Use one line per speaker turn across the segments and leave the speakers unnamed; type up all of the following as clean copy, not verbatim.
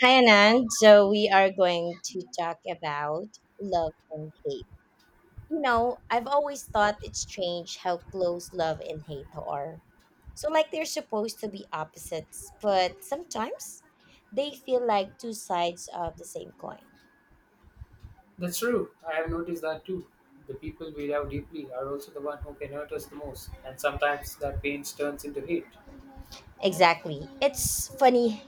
Hi, Anand. So, we are going to talk about love and hate. You know, I've always thought it's strange how close love and hate are. So, like, they're supposed to be opposites, but sometimes they feel like two sides of the same coin.
That's true. I have noticed that too. The people we love deeply are also the one who can hurt us the most, and sometimes that pain turns into hate.
Exactly. It's funny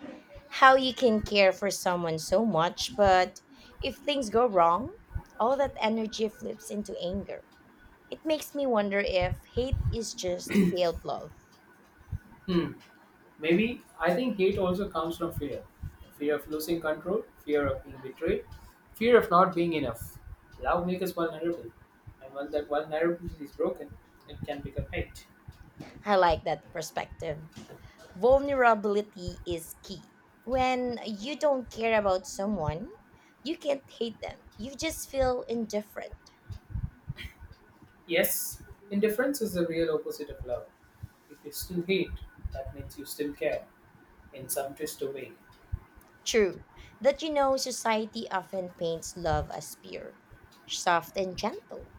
how you can care for someone so much, but if things go wrong, all that energy flips into anger. It makes me wonder if hate is just failed love.
Hmm. Maybe I think hate also comes from fear. Fear of losing control, fear of being betrayed, fear of not being enough. Love makes us vulnerable, and when that vulnerability is broken, it can become hate.
I like that perspective. Vulnerability is key. When you don't care about someone, you can't hate them. You just feel indifferent.
Yes, indifference is the real opposite of love. If you still hate, that means you still care in some twist away.
True, that you know society often paints love as pure, soft, and gentle.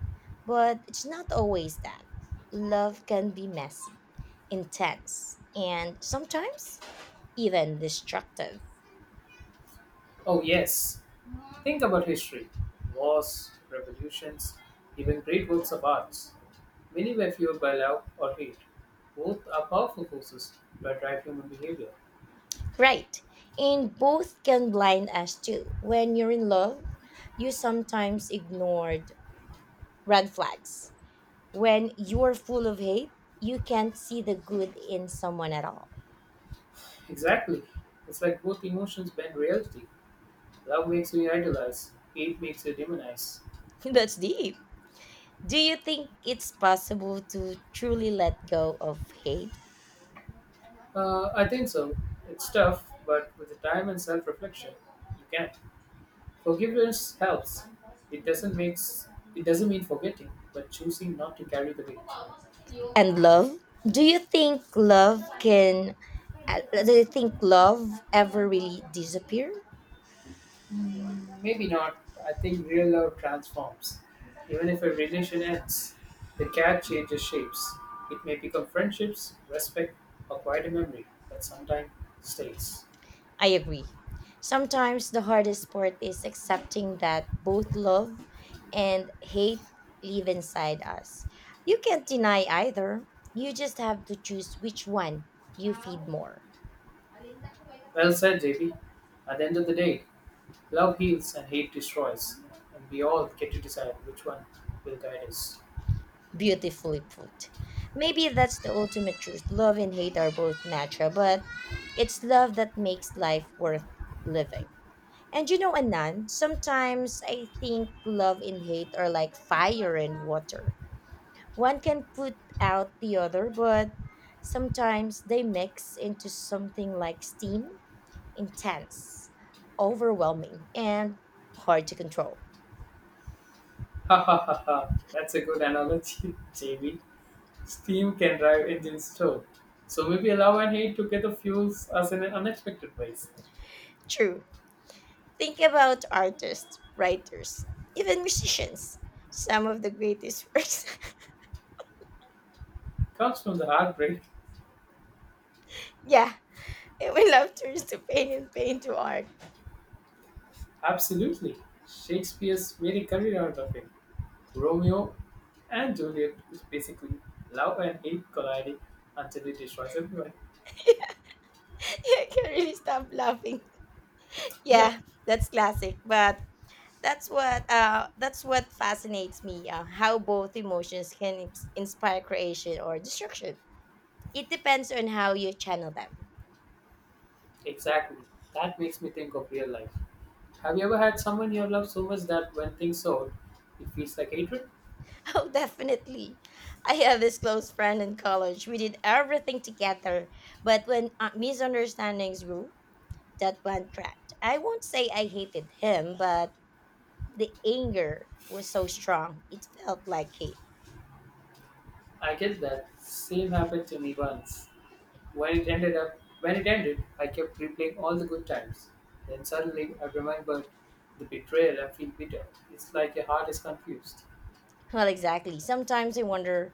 But it's not always that. Love can be messy, intense, and sometimes even destructive.
Oh, yes. Think about history wars, revolutions, even great works of arts. Many were fueled by love or hate. Both are powerful forces that drive human behavior.
Right. And both can blind us too. When you're in love, you sometimes ignored red flags. When you're full of hate, you can't see the good in someone at all.
Exactly. It's like both emotions bend reality. Love makes you idolize, hate makes you demonize.
That's deep. Do you think it's possible to truly let go of hate
I think so. It's tough, but with the time and self reflection, you can. Forgiveness helps. It doesn't makes it doesn't mean forgetting, but choosing not to carry the weight.
and love? Do you think love can do you think love ever really disappear?
Mm, maybe not. I think real love transforms. Even if a relation ends, the care changes shapes. It may become friendships, respect, or quite a memory that sometimes stays.
I agree. Sometimes the hardest part is accepting that both love and hate live inside us. You can't deny either. You just have to choose which one you feed more.
Well said, JB. At the end of the day, love heals and hate destroys, and we all get to decide which one will guide us.
Beautifully put. Maybe that's the ultimate truth. Love and hate are both natural, but it's love that makes life worth living. And you know, Anand, sometimes I think love and hate are like fire and water. One can put out the other, but sometimes they mix into something like steam, intense, overwhelming, and hard to control.
Ha ha ha ha. That's a good analogy, JB. Steam can drive engines too. So maybe love and hate together fuels us in unexpected ways.
True. Think about artists, writers, even musicians. Some of the greatest works.
Comes from the heartbreak.
Yeah, and when love turns to pain and pain to art.
Absolutely. Shakespeare's made a career out of it. Romeo and Juliet is basically love and hate colliding until it destroys everyone.
I can't really stop laughing. Yeah,
Yep,
that's classic, but that's what fascinates me, how both emotions can inspire creation or destruction. It depends on how you channel them.
exactly. That makes me think of real life. Have you ever had someone you love so much that when things sold, it feels like hatred?
Oh, definitely. I have this close friend in college. We did everything together, but when misunderstandings grew, that bond cracked. I won't say I hated him, but the anger was so strong it felt like hate.
I get that. Same happened to me once. When it ended, I kept replaying all the good times. Then suddenly I remembered the betrayal and feel bitter. It's like your heart is confused.
Well, exactly. Sometimes I wonder,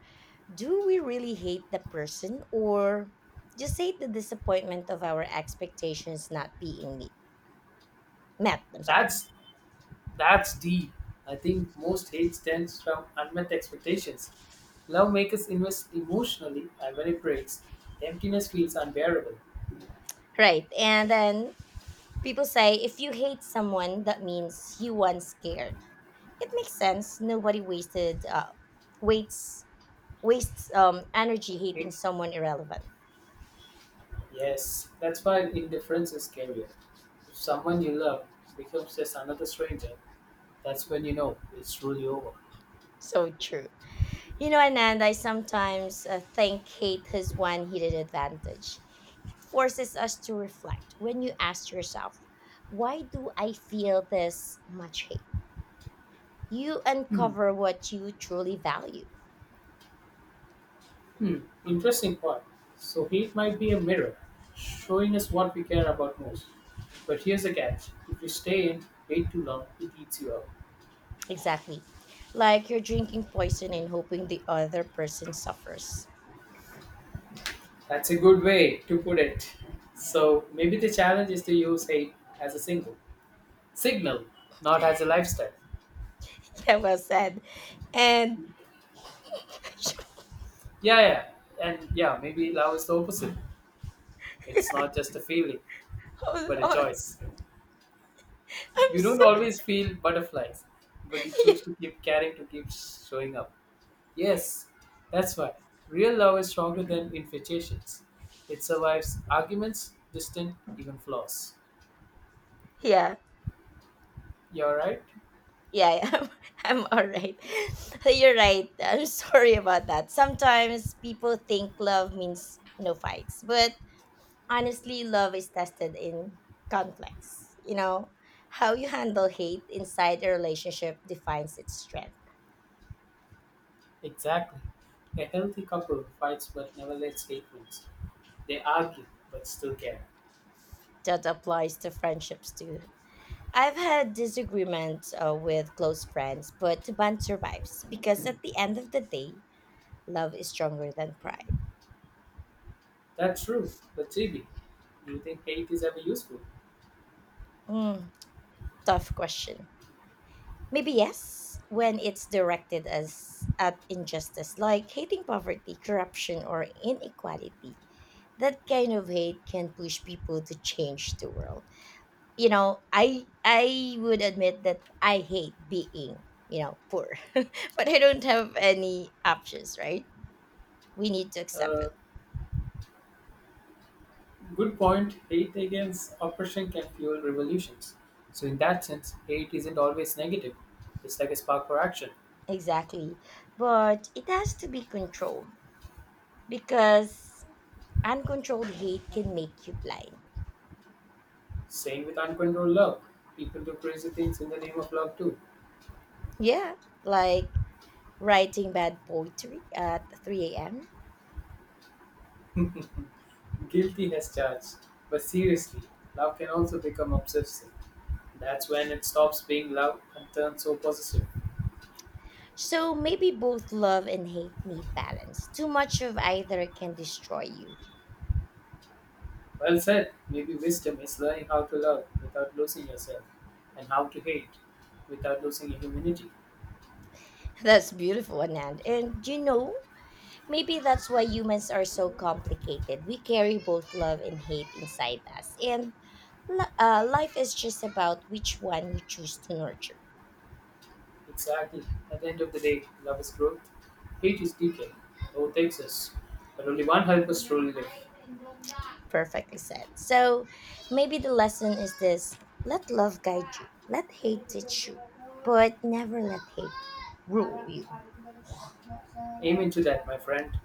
do we really hate the person or just hate the disappointment of our expectations not being met? I'm sorry.
That's that's deep. I think most hate stems from unmet expectations. Love makes us invest emotionally, and when it breaks, the emptiness feels unbearable.
Right. And then people say if you hate someone, that means you once scared. It makes sense. Nobody wasted waits wastes energy hating
Hate,
someone irrelevant.
yes, that's why indifference is scarier. If someone you love becomes just another stranger, that's when you know it's truly over.
So true. You know, Anand, I sometimes think hate has one hidden advantage. Forces us to reflect. When you ask yourself, why do I feel this much hate? You uncover what you truly value.
Hmm, interesting point. So heat might be a mirror, showing us what we care about most. But here's the catch: if you stay in way too long, it eats you up.
Exactly. Like you're drinking poison and hoping the other person suffers.
That's a good way to put it. So maybe the challenge is to use hate as a single signal, not as a lifestyle.
Yeah, well said. And
Yeah, yeah, and yeah, maybe love is the opposite. It's not just a feeling,
hold
but a
on.
choice.
I'm
You don't
sorry.
always feel butterflies, but you choose to keep caring to keep showing up. Yes, that's why. Real love is stronger than infatuations. It survives arguments, distance, even flaws.
Yeah.
You're right?
Yeah, yeah, I'm all right. You're right. I'm sorry about that. Sometimes people think love means no fights, but honestly, love is tested in conflicts. You know, how you handle hate inside a relationship defines its strength.
Exactly. A healthy couple fights but never lets hate wins. They argue but still care.
That applies to friendships too. I've had disagreements with close friends, but the bond survives because at the end of the day, love is stronger than pride.
That's true. But Chibi, do you think hate is ever useful?
Mm, tough question. Maybe yes, when it's directed as at injustice, like hating poverty, corruption, or inequality. That kind of hate can push people to change the world. You know, I would admit that I hate being poor. But I don't have any options, right? We need to accept
Uh,
it.
Good point. Hate against oppression can fuel revolutions. So, in that sense, hate isn't always negative, it's like a spark for action.
Exactly. But it has to be controlled because uncontrolled hate can make you blind.
Same with uncontrolled love, people do crazy things in the name of love too.
Yeah, like writing bad poetry at 3 a.m.
Guilty as charged. But seriously, love can also become obsessive. That's when it stops being love and turns so possessive.
So maybe both love and hate need balance. Too much of either can destroy you.
Well said. Maybe wisdom is learning how to love without losing yourself, and how to hate without losing your humanity.
That's beautiful, Anand. And you know, maybe that's why humans are so complicated. We carry both love and hate inside us. And life is just about which one we choose to nurture.
Exactly. At the end of the day, love is growth, hate is decay. Both exist, but only one helps us truly live.
Perfectly said. So maybe the lesson is this: let love guide you, let hate teach you, but never let hate rule you.
Aim into that, my friend.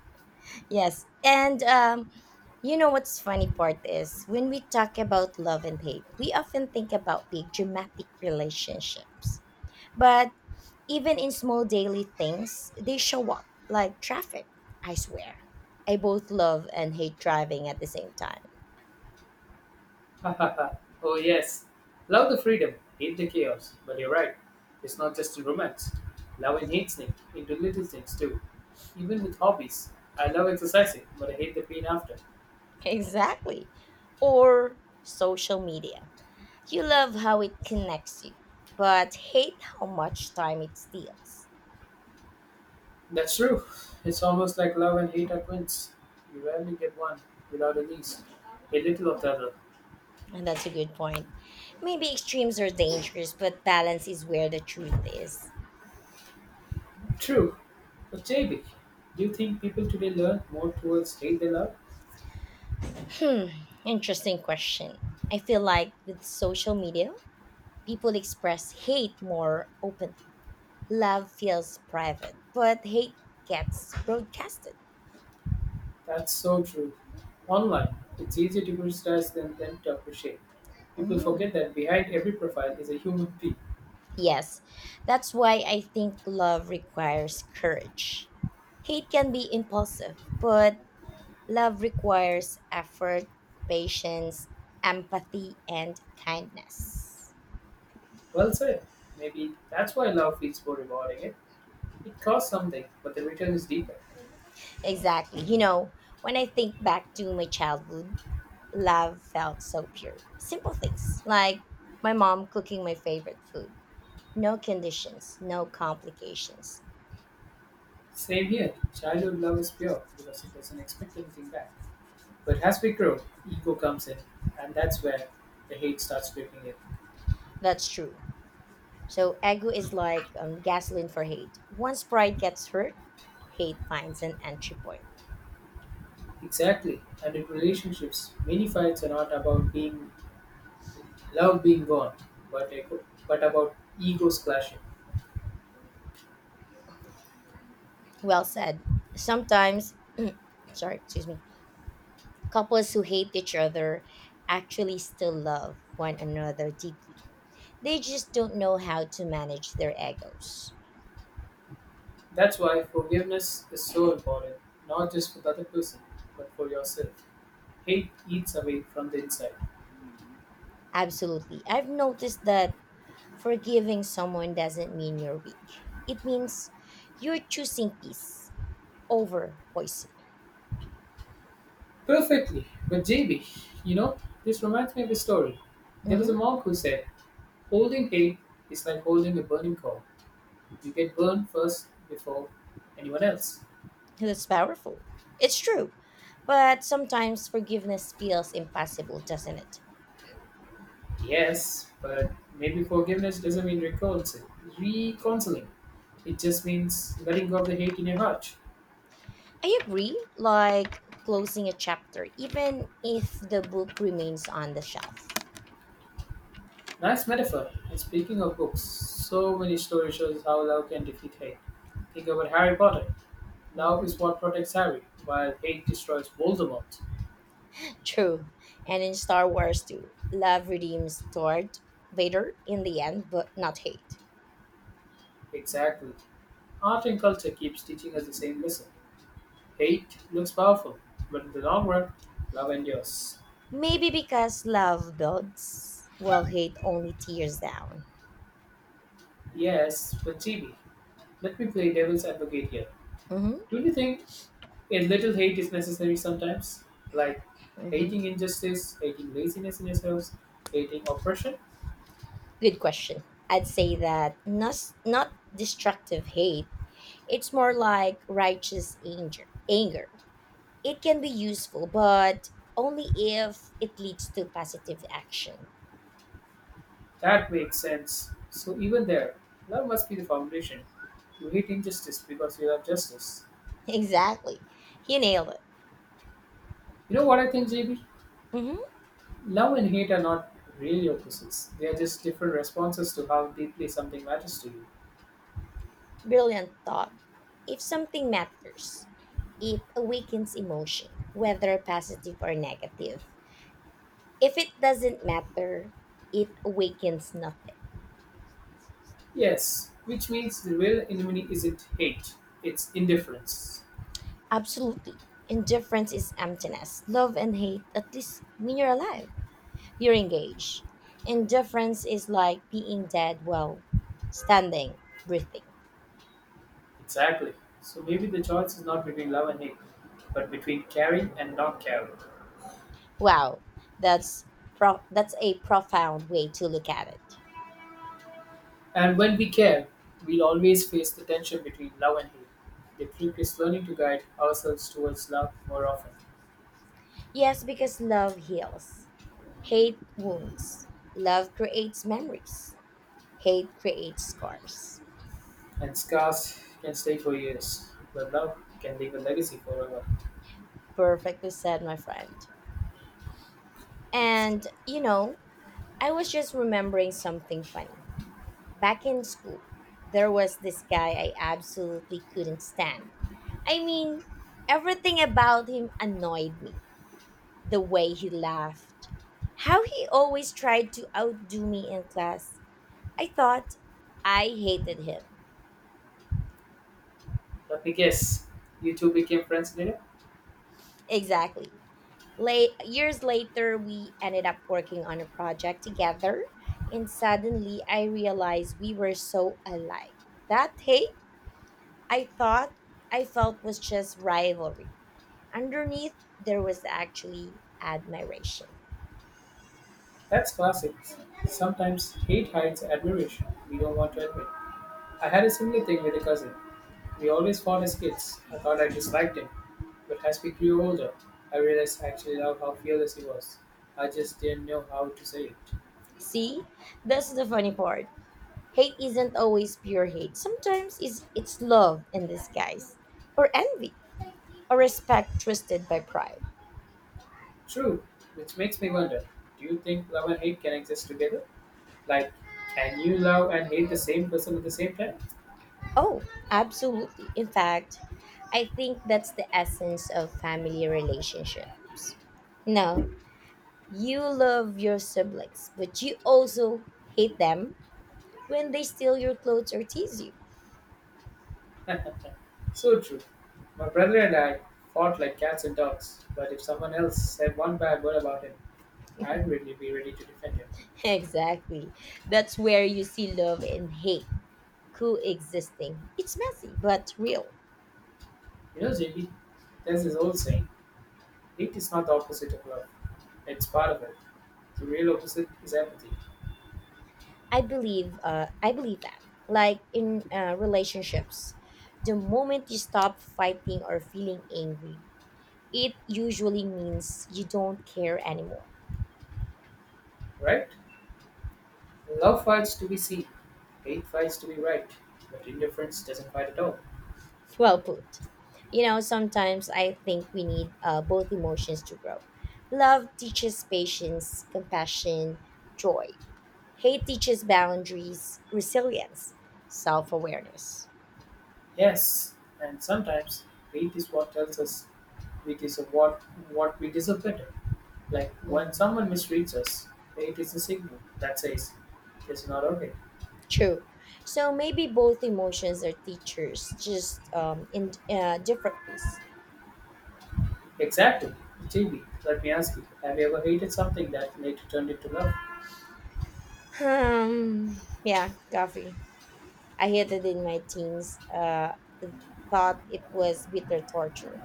Yes. And you know what's funny part is when we talk about love and hate, we often think about big dramatic relationships. But even in small daily things, they show up, like traffic, I swear. I both love and hate driving at the same time.
oh, yes. Love the freedom, hate the chaos. But you're right, it's not just in romance. Love and hate sneak into little things too. Even with hobbies, I love exercising, but I hate the pain after.
Exactly. Or social media. You love how it connects you, but hate how much time it steals.
That's true. It's almost like love and hate are twins. You rarely get one without at least a little of the other.
And that's a good point. Maybe extremes are dangerous, but balance is where the truth is.
True. But JB, do you think people today learn more towards hate than love?
Hmm, interesting question. I feel like with social media, people express hate more openly. Love feels private, but hate gets broadcasted.
That's so true. Online, it's easy to criticize them than to appreciate. People
Mhm.
forget that behind every profile is a human being.
Yes, that's why I think love requires courage. Hate can be impulsive, but love requires effort, patience, empathy, and kindness.
Well said. Maybe that's why love feels more rewarding. Eh? It costs something, but the return is deeper.
Exactly. You know, when I think back to my childhood, love felt so pure. Simple things like my mom cooking my favorite food. No conditions, no complications.
Same here. Childhood love is pure because it doesn't expect anything back. But as we grow, ego comes in, and that's where the hate starts creeping in.
That's true. So, ego is like gasoline for hate. Once pride gets hurt, hate finds an entry point.
Exactly. And in relationships, many fights are not about being love being gone, but ego, but about egos clashing.
Well said. Sometimes, sorry, excuse me. Couples who hate each other actually still love one another deeply. They just don't know how to manage their egos.
That's why forgiveness is so important, not just for the other person, but for yourself. Hate eats away from the inside.
Absolutely. I've noticed that forgiving someone doesn't mean you're weak, it means you're choosing peace over poison.
Perfectly. But JB, you know, this reminds me of a story. There was a
Hmm.
monk who said, holding hate is like holding a burning coal. You get burned first before anyone else.
That's powerful. It's true. But sometimes forgiveness feels impossible, doesn't it?
Yes, but maybe forgiveness doesn't mean reconciling. Reconciling. It just means letting go of the hate in your heart.
I agree, like closing a chapter, even if the book remains on the shelf.
Nice metaphor. And speaking of books, so many stories shows how love can defeat hate. Think about Harry Potter. Love is
Mhm.
what protects Harry, while hate destroys Voldemort.
True. And in Star Wars too, love redeems Darth Vader in the end, but not hate.
Exactly. Art and culture keeps teaching us the same lesson. Hate looks powerful, but in the long run, love endures.
Maybe because love builds, while hate only tears down.
Yes, but GB, let me play devil's advocate here.
Hmm.
Don't you think a little hate is necessary sometimes? Like
Hmm.
hating injustice, hating laziness in ourselves, hating oppression?
Good question. I'd say that not destructive hate. It's more like righteous anger. Anger. It can be useful, but only if it leads to positive action.
That makes sense. So even there, love must be the foundation. You hate injustice because you love justice.
Exactly. You nailed it.
You know what I think, JB?
Mhm.
Love and hate are not really opposites. They are just different responses to how deeply something matters to you.
Brilliant thought. If something matters, it awakens emotion, whether positive or negative. If it doesn't matter, it awakens nothing.
Yes, which means the real enemy isn't hate, it's indifference.
Absolutely. Indifference is emptiness. Love and hate at least mean you're alive. You're engaged. Indifference is like being dead while standing, breathing.
Exactly. So maybe the choice is not between love and hate, but between caring and not caring.
Wow, that's that's a profound way to look at it.
And when we care, we'll always face the tension between love and hate. The trick is learning to guide ourselves towards love more often.
Yes, because love heals. Hate wounds. Love creates memories. Hate creates scars.
And scars can stay for years, but love can leave a legacy forever.
Perfectly said, my friend. And, you know, I was just remembering something funny. Back in school, there was this guy I absolutely couldn't stand. I mean, everything about him annoyed me. The way he laughed, how he always tried to outdo me in class. I thought I hated him.
Let me guess, you two became friends later?
Exactly. late Years later, we ended up working on a project together, and suddenly I realized we were so alike that hate I thought I felt was just rivalry. Underneath, there was actually admiration.
That's classic. Sometimes hate hides admiration we don't want to admit. I had a similar thing with a cousin. We always fought as kids. I thought I disliked him. But as we grew older, I realized I actually loved how fearless he was. I just didn't know how to say it.
See, that's the funny part. Hate isn't always pure hate. Sometimes it's love in disguise, or envy, or respect twisted by pride.
True, which makes me wonder do you think love and hate can exist together? Like, can you love and hate the same person at the same time?
Oh, absolutely. In fact, I think that's the essence of family relationships. No, you love your siblings, but you also hate them when they steal your clothes or tease you.
So true. My brother and I fought like cats and dogs, but if someone else said one bad word about him, I'd really be ready to defend him.
Exactly. That's where you see love and hate coexisting. It's messy but real.
You know, JB, there's this old saying hate is not the opposite of love, it's part of it. The real opposite is empathy,
I believe that. Like in relationships, the moment you stop fighting or feeling angry, it usually means you don't care anymore.
right? Love fights to be seen, hate fights to be right, but indifference doesn't fight at all.
Well put. You know, sometimes I think we need, both emotions to grow. Love teaches patience, compassion, joy. Hate teaches boundaries, resilience, self awareness.
Yes, and sometimes hate is what tells us we deserve what, what we deserve better. Like when
Hmm.
someone mistreats us, hate is a signal that says it's not okay.
True. So maybe both emotions are teachers, just in different ways.
Exactly. JB, let me ask you, have you ever hated something that later turned into love?
Yeah, coffee. I hated in my teens, thought it was bitter torture.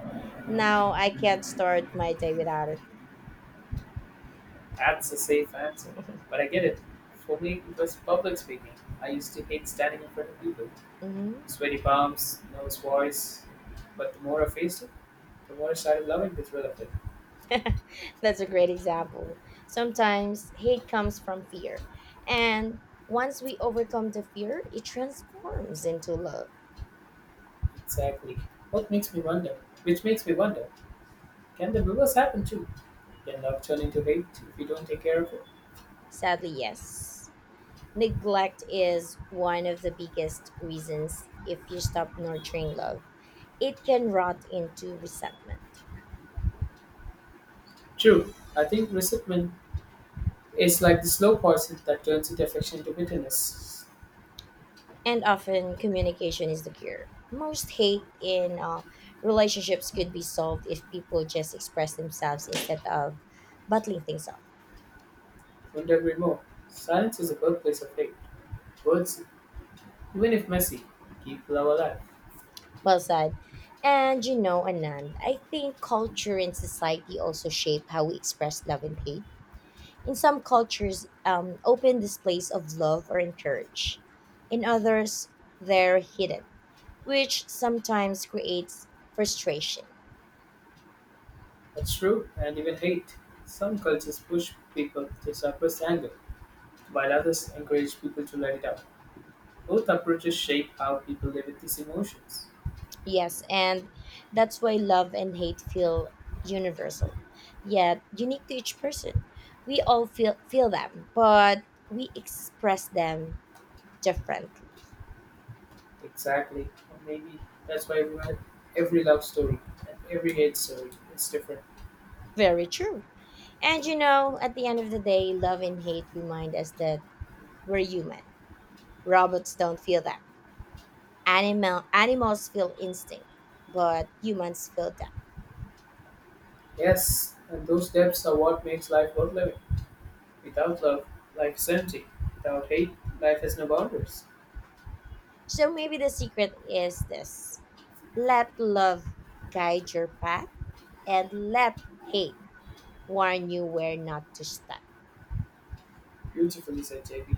Now I can't start my day without it.
That's a safe answer. But I get it. For me, it was public speaking. I used to hate standing in front of people.
Hmm.
Sweaty palms, nervous voice. But the more I faced it, the more I started loving the thrill of it.
That's a great example. Sometimes hate comes from fear. And once we overcome the fear, it transforms into love.
Exactly. What makes me wonder, Which makes me wonder, can the reverse happen too? Can love turn into hate if we don't take care of it?
Sadly, yes. Neglect is one of the biggest reasons. If you stop nurturing love, it can rot into resentment.
True. I think resentment is like the slow poison that turns into affection into bitterness.
And often communication is the cure. Most hate in relationships could be solved if people just express themselves instead of bottling things up.
Wouldn't agree more. Silence is a birthplace of hate. Words, even if messy, keep love alive.
Well said. And you know, Anand, I think culture and society also shape how we express love and hate. In some cultures, open displays of love are encouraged. In others, they're hidden, which sometimes creates frustration.
That's true, and even hate. Some cultures push people to suppress anger, while others encourage people to let it out. Both approaches shape how people live with these emotions.
Yes, and that's why love and hate feel universal, yet unique to each person. We all feel them, but we express them differently.
Exactly. Or maybe that's why we want every love story and every hate story. It's different.
Very true. And you know, at the end of the day, love and hate remind us that we're human. Robots don't feel them. Animals feel instinct, but humans feel them.
Yes, and those depths are what makes life worth living. Without love, life is empty. Without hate, life has no boundaries.
So maybe the secret is this. Let love guide your path and let hate warn you where not to step.
Beautifully said, JB.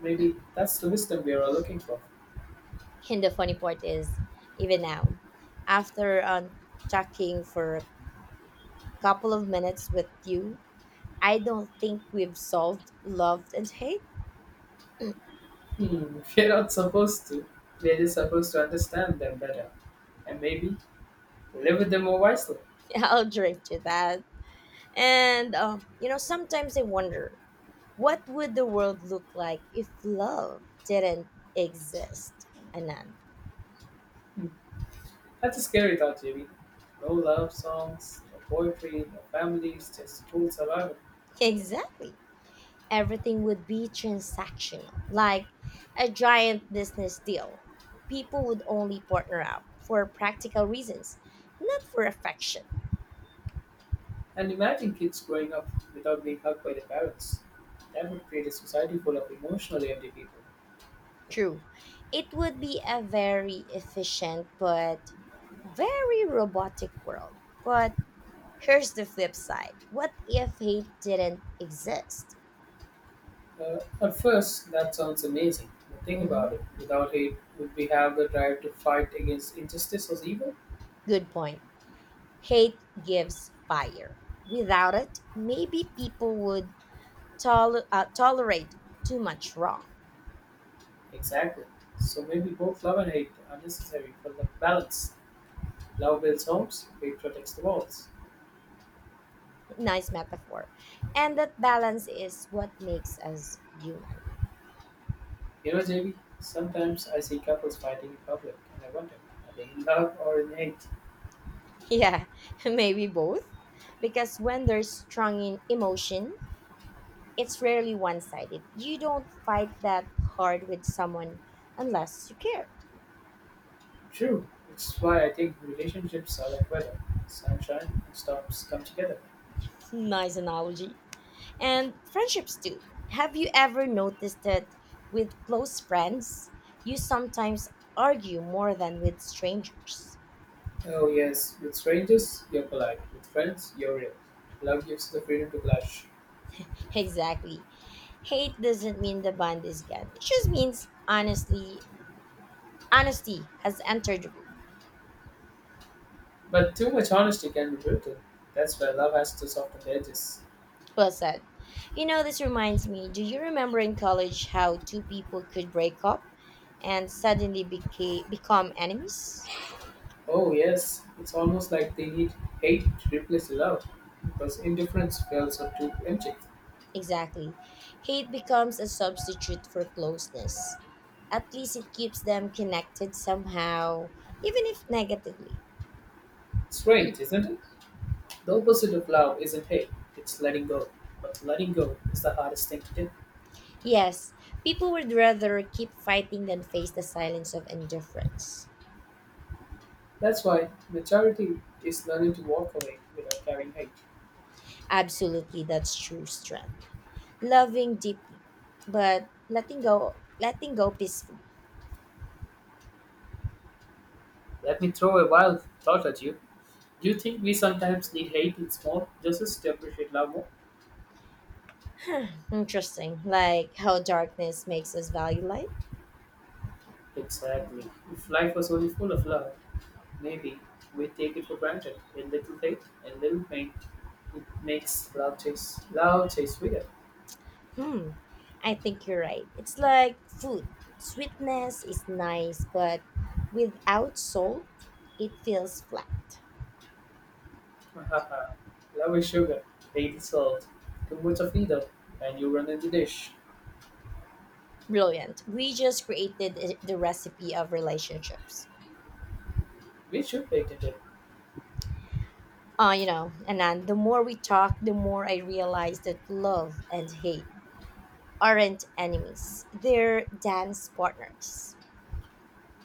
Maybe that's the wisdom we are all looking for.
And the funny part is, even now, after unchecking for a couple of minutes with you, I don't think we've solved love and hate.
Hmm, we're not supposed to. We're just supposed to understand them better. And maybe live with them more wisely.
I'll drink to that. Sometimes I wonder what would the world look like if love didn't exist? Anand.
Hmm, that's a scary thought, JB. No love songs, no poetry, no families, just cool survival.
Exactly, everything would be transactional, like a giant business deal. People would only partner up for practical reasons, not for affection.
And imagine kids growing up without being hugged by their parents. That would create a society full of emotionally empty people.
True. It would be a very efficient but very robotic world. But here's the flip side, what if hate didn't exist?
At first, that sounds amazing, but think
Mhm.
about it. Without hate, would we have the drive to fight against injustice or evil?
Good point. Hate gives fire. Without it, maybe people would tolerate too much wrong.
Exactly. So maybe both love and hate are necessary for the balance. Love builds homes, hate protects the walls.
Nice metaphor. And that balance is what makes us human.
You know, JB, sometimes I see couples fighting in public and I wonder, are they in love or in hate?
Yeah, maybe both. Because when there's strong in emotion, it's rarely one sided. You don't fight that hard with someone unless you care.
True. It's why I think relationships are like weather. Sunshine and storms come together.
Nice analogy. And friendships too. Have you ever noticed that with close friends, you sometimes argue more than with strangers?
Oh yes, with strangers you're polite, with friends you're real. Love gives the freedom to blush.
Exactly. Hate doesn't mean the bond is gone. It just means honesty has entered the room.
But too much honesty can be brutal. That's why love has to soften the edges.
Well said. You know, this reminds me. Do you remember in college how two people could break up and suddenly become enemies?
Oh yes, it's almost like they need hate to replace love, because indifference feels so too empty.
Exactly. Hate becomes a substitute for closeness. At least it keeps them connected somehow, even if negatively.
Strange, isn't it? The
Mhm.
opposite of love isn't hate, it's letting go. But letting go is the hardest thing to do.
Yes, people would rather keep fighting than face the silence of indifference.
That's why maturity is learning to walk away without carrying hate.
Absolutely, that's true strength. Loving deeply, but letting go peacefully.
Let me throw a wild thought at you. Do you think we sometimes need hate in small gestures to appreciate love more?
Huh, interesting, like how darkness makes us value light.
Exactly. If life was only full of love, maybe we take it for granted. A little hate, a little pain. It makes love taste sweeter.
Hmm, I think you're right. It's like food. Sweetness is nice, but without salt, it feels flat.
Haha. Love is sugar, hate is salt. Too much of either, and you run in the dish.
Brilliant. We just created the recipe of relationships.
We should pay attention.
And then the more we talk, the more I realize that love and hate aren't enemies. They're dance partners.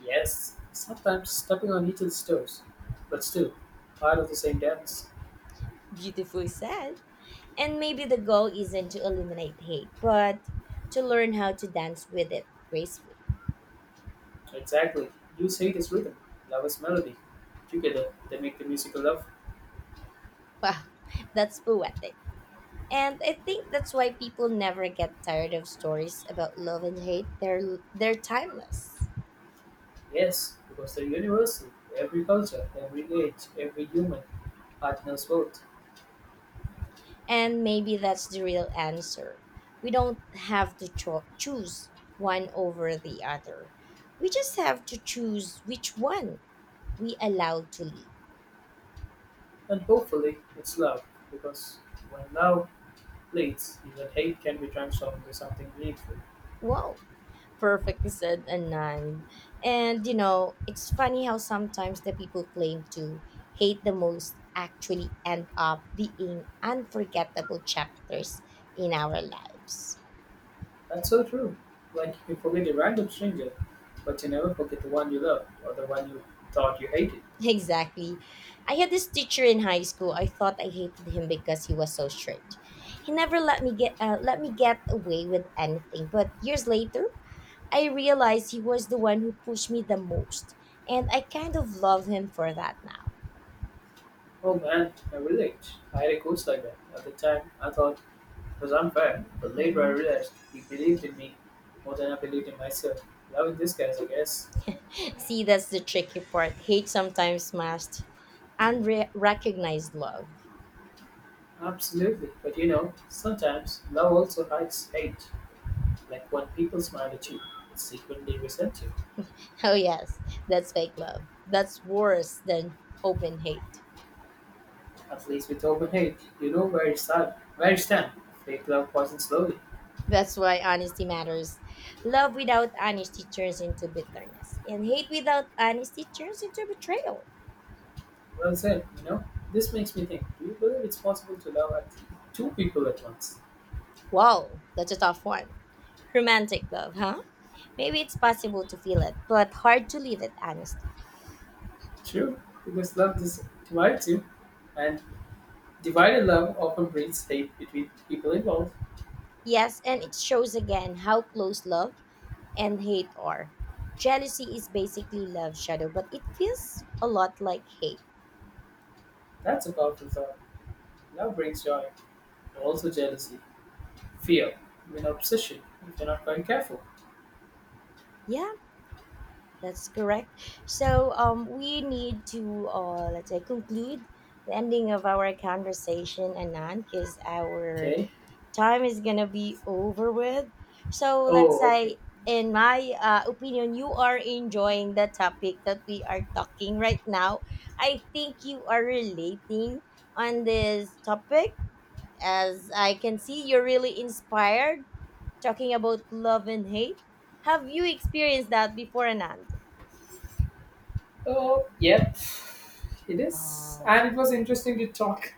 Yes, sometimes stepping on each other's toes, but still part of the same dance.
Beautifully said. And maybe the goal isn't to eliminate hate, but to learn how to dance with it gracefully.
Exactly. You say it is rhythm, love is melody. Together, they make the music of love.
Wow, that's poetic. And I think that's why people never get tired of stories about love and hate. They're timeless.
Yes, because they're universal. Every culture, every age, every human heart knows both.
And maybe that's the real answer. We don't have to choose one over the other. We just have to choose which one we allow to lead.
And hopefully, it's love, because when love leads, even hate can be transformed into something meaningful.
Wow. Perfectly said, Anand. And you know, it's funny how sometimes the people claim to hate the most actually end up being unforgettable chapters in our lives.
That's so true. Like you can forget a random stranger, but you never forget the one you loved or the one you thought you hated.
Exactly. I had this teacher in high school. I thought I hated him because he was so strict. He never let me get let me get away with anything. But years later, I realized he was the one who pushed me the most, and I kind of love him for that now.
Oh man, I relate. I had a coach like that. At the time, I thought it was unfair, but later I
Mhm.
realized he believed in me more than I believed in myself. Loving this guys, I guess.
See, that's the tricky part. Hate sometimes masks unrecognized love.
Absolutely, but you know, sometimes love also hides hate. Like when people smile at you, they secretly resent you.
Oh, yes, that's fake love. That's worse than open hate.
At least with open hate, you know where you stand. Fake love poisons slowly.
That's why honesty matters. Love without honesty turns into bitterness, and hate without honesty turns into betrayal.
Well said. You know, this makes me think. Do you believe it's possible to love at two people at once?
Wow, that's a tough one. Romantic love, huh? Maybe it's possible to feel it, but hard to live it honestly.
True, because divides you, and divided love often breeds hate between people involved.
Yes, and it shows again how close love and hate are. Jealousy is basically love shadow, but it feels a lot like hate.
That's a powerful thought. Love brings joy, but also jealousy, fear, even obsession if you're not quite careful.
Yeah, that's correct. So we need to let's say conclude the ending of our conversation, Anand, because our
Okay.
time is gonna be over with. So let's
Oh, okay.
say, in my opinion, you are enjoying the topic that we are talking right now. I think you are relating on this topic. As I can see, you're really inspired talking about love and hate. Have you experienced that before, Anand?
Oh, yep. It is,
Oh,
and it was interesting to talk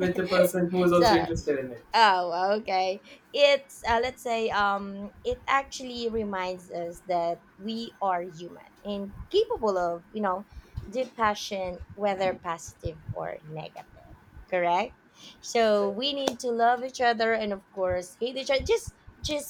the person who was also
so
interested in it.
oh, okay, it's let's say it actually reminds us that we are human and capable of, you know, deep passion, whether positive or negative, correct, so
Exactly.
we need to love each other and of course hate each other, just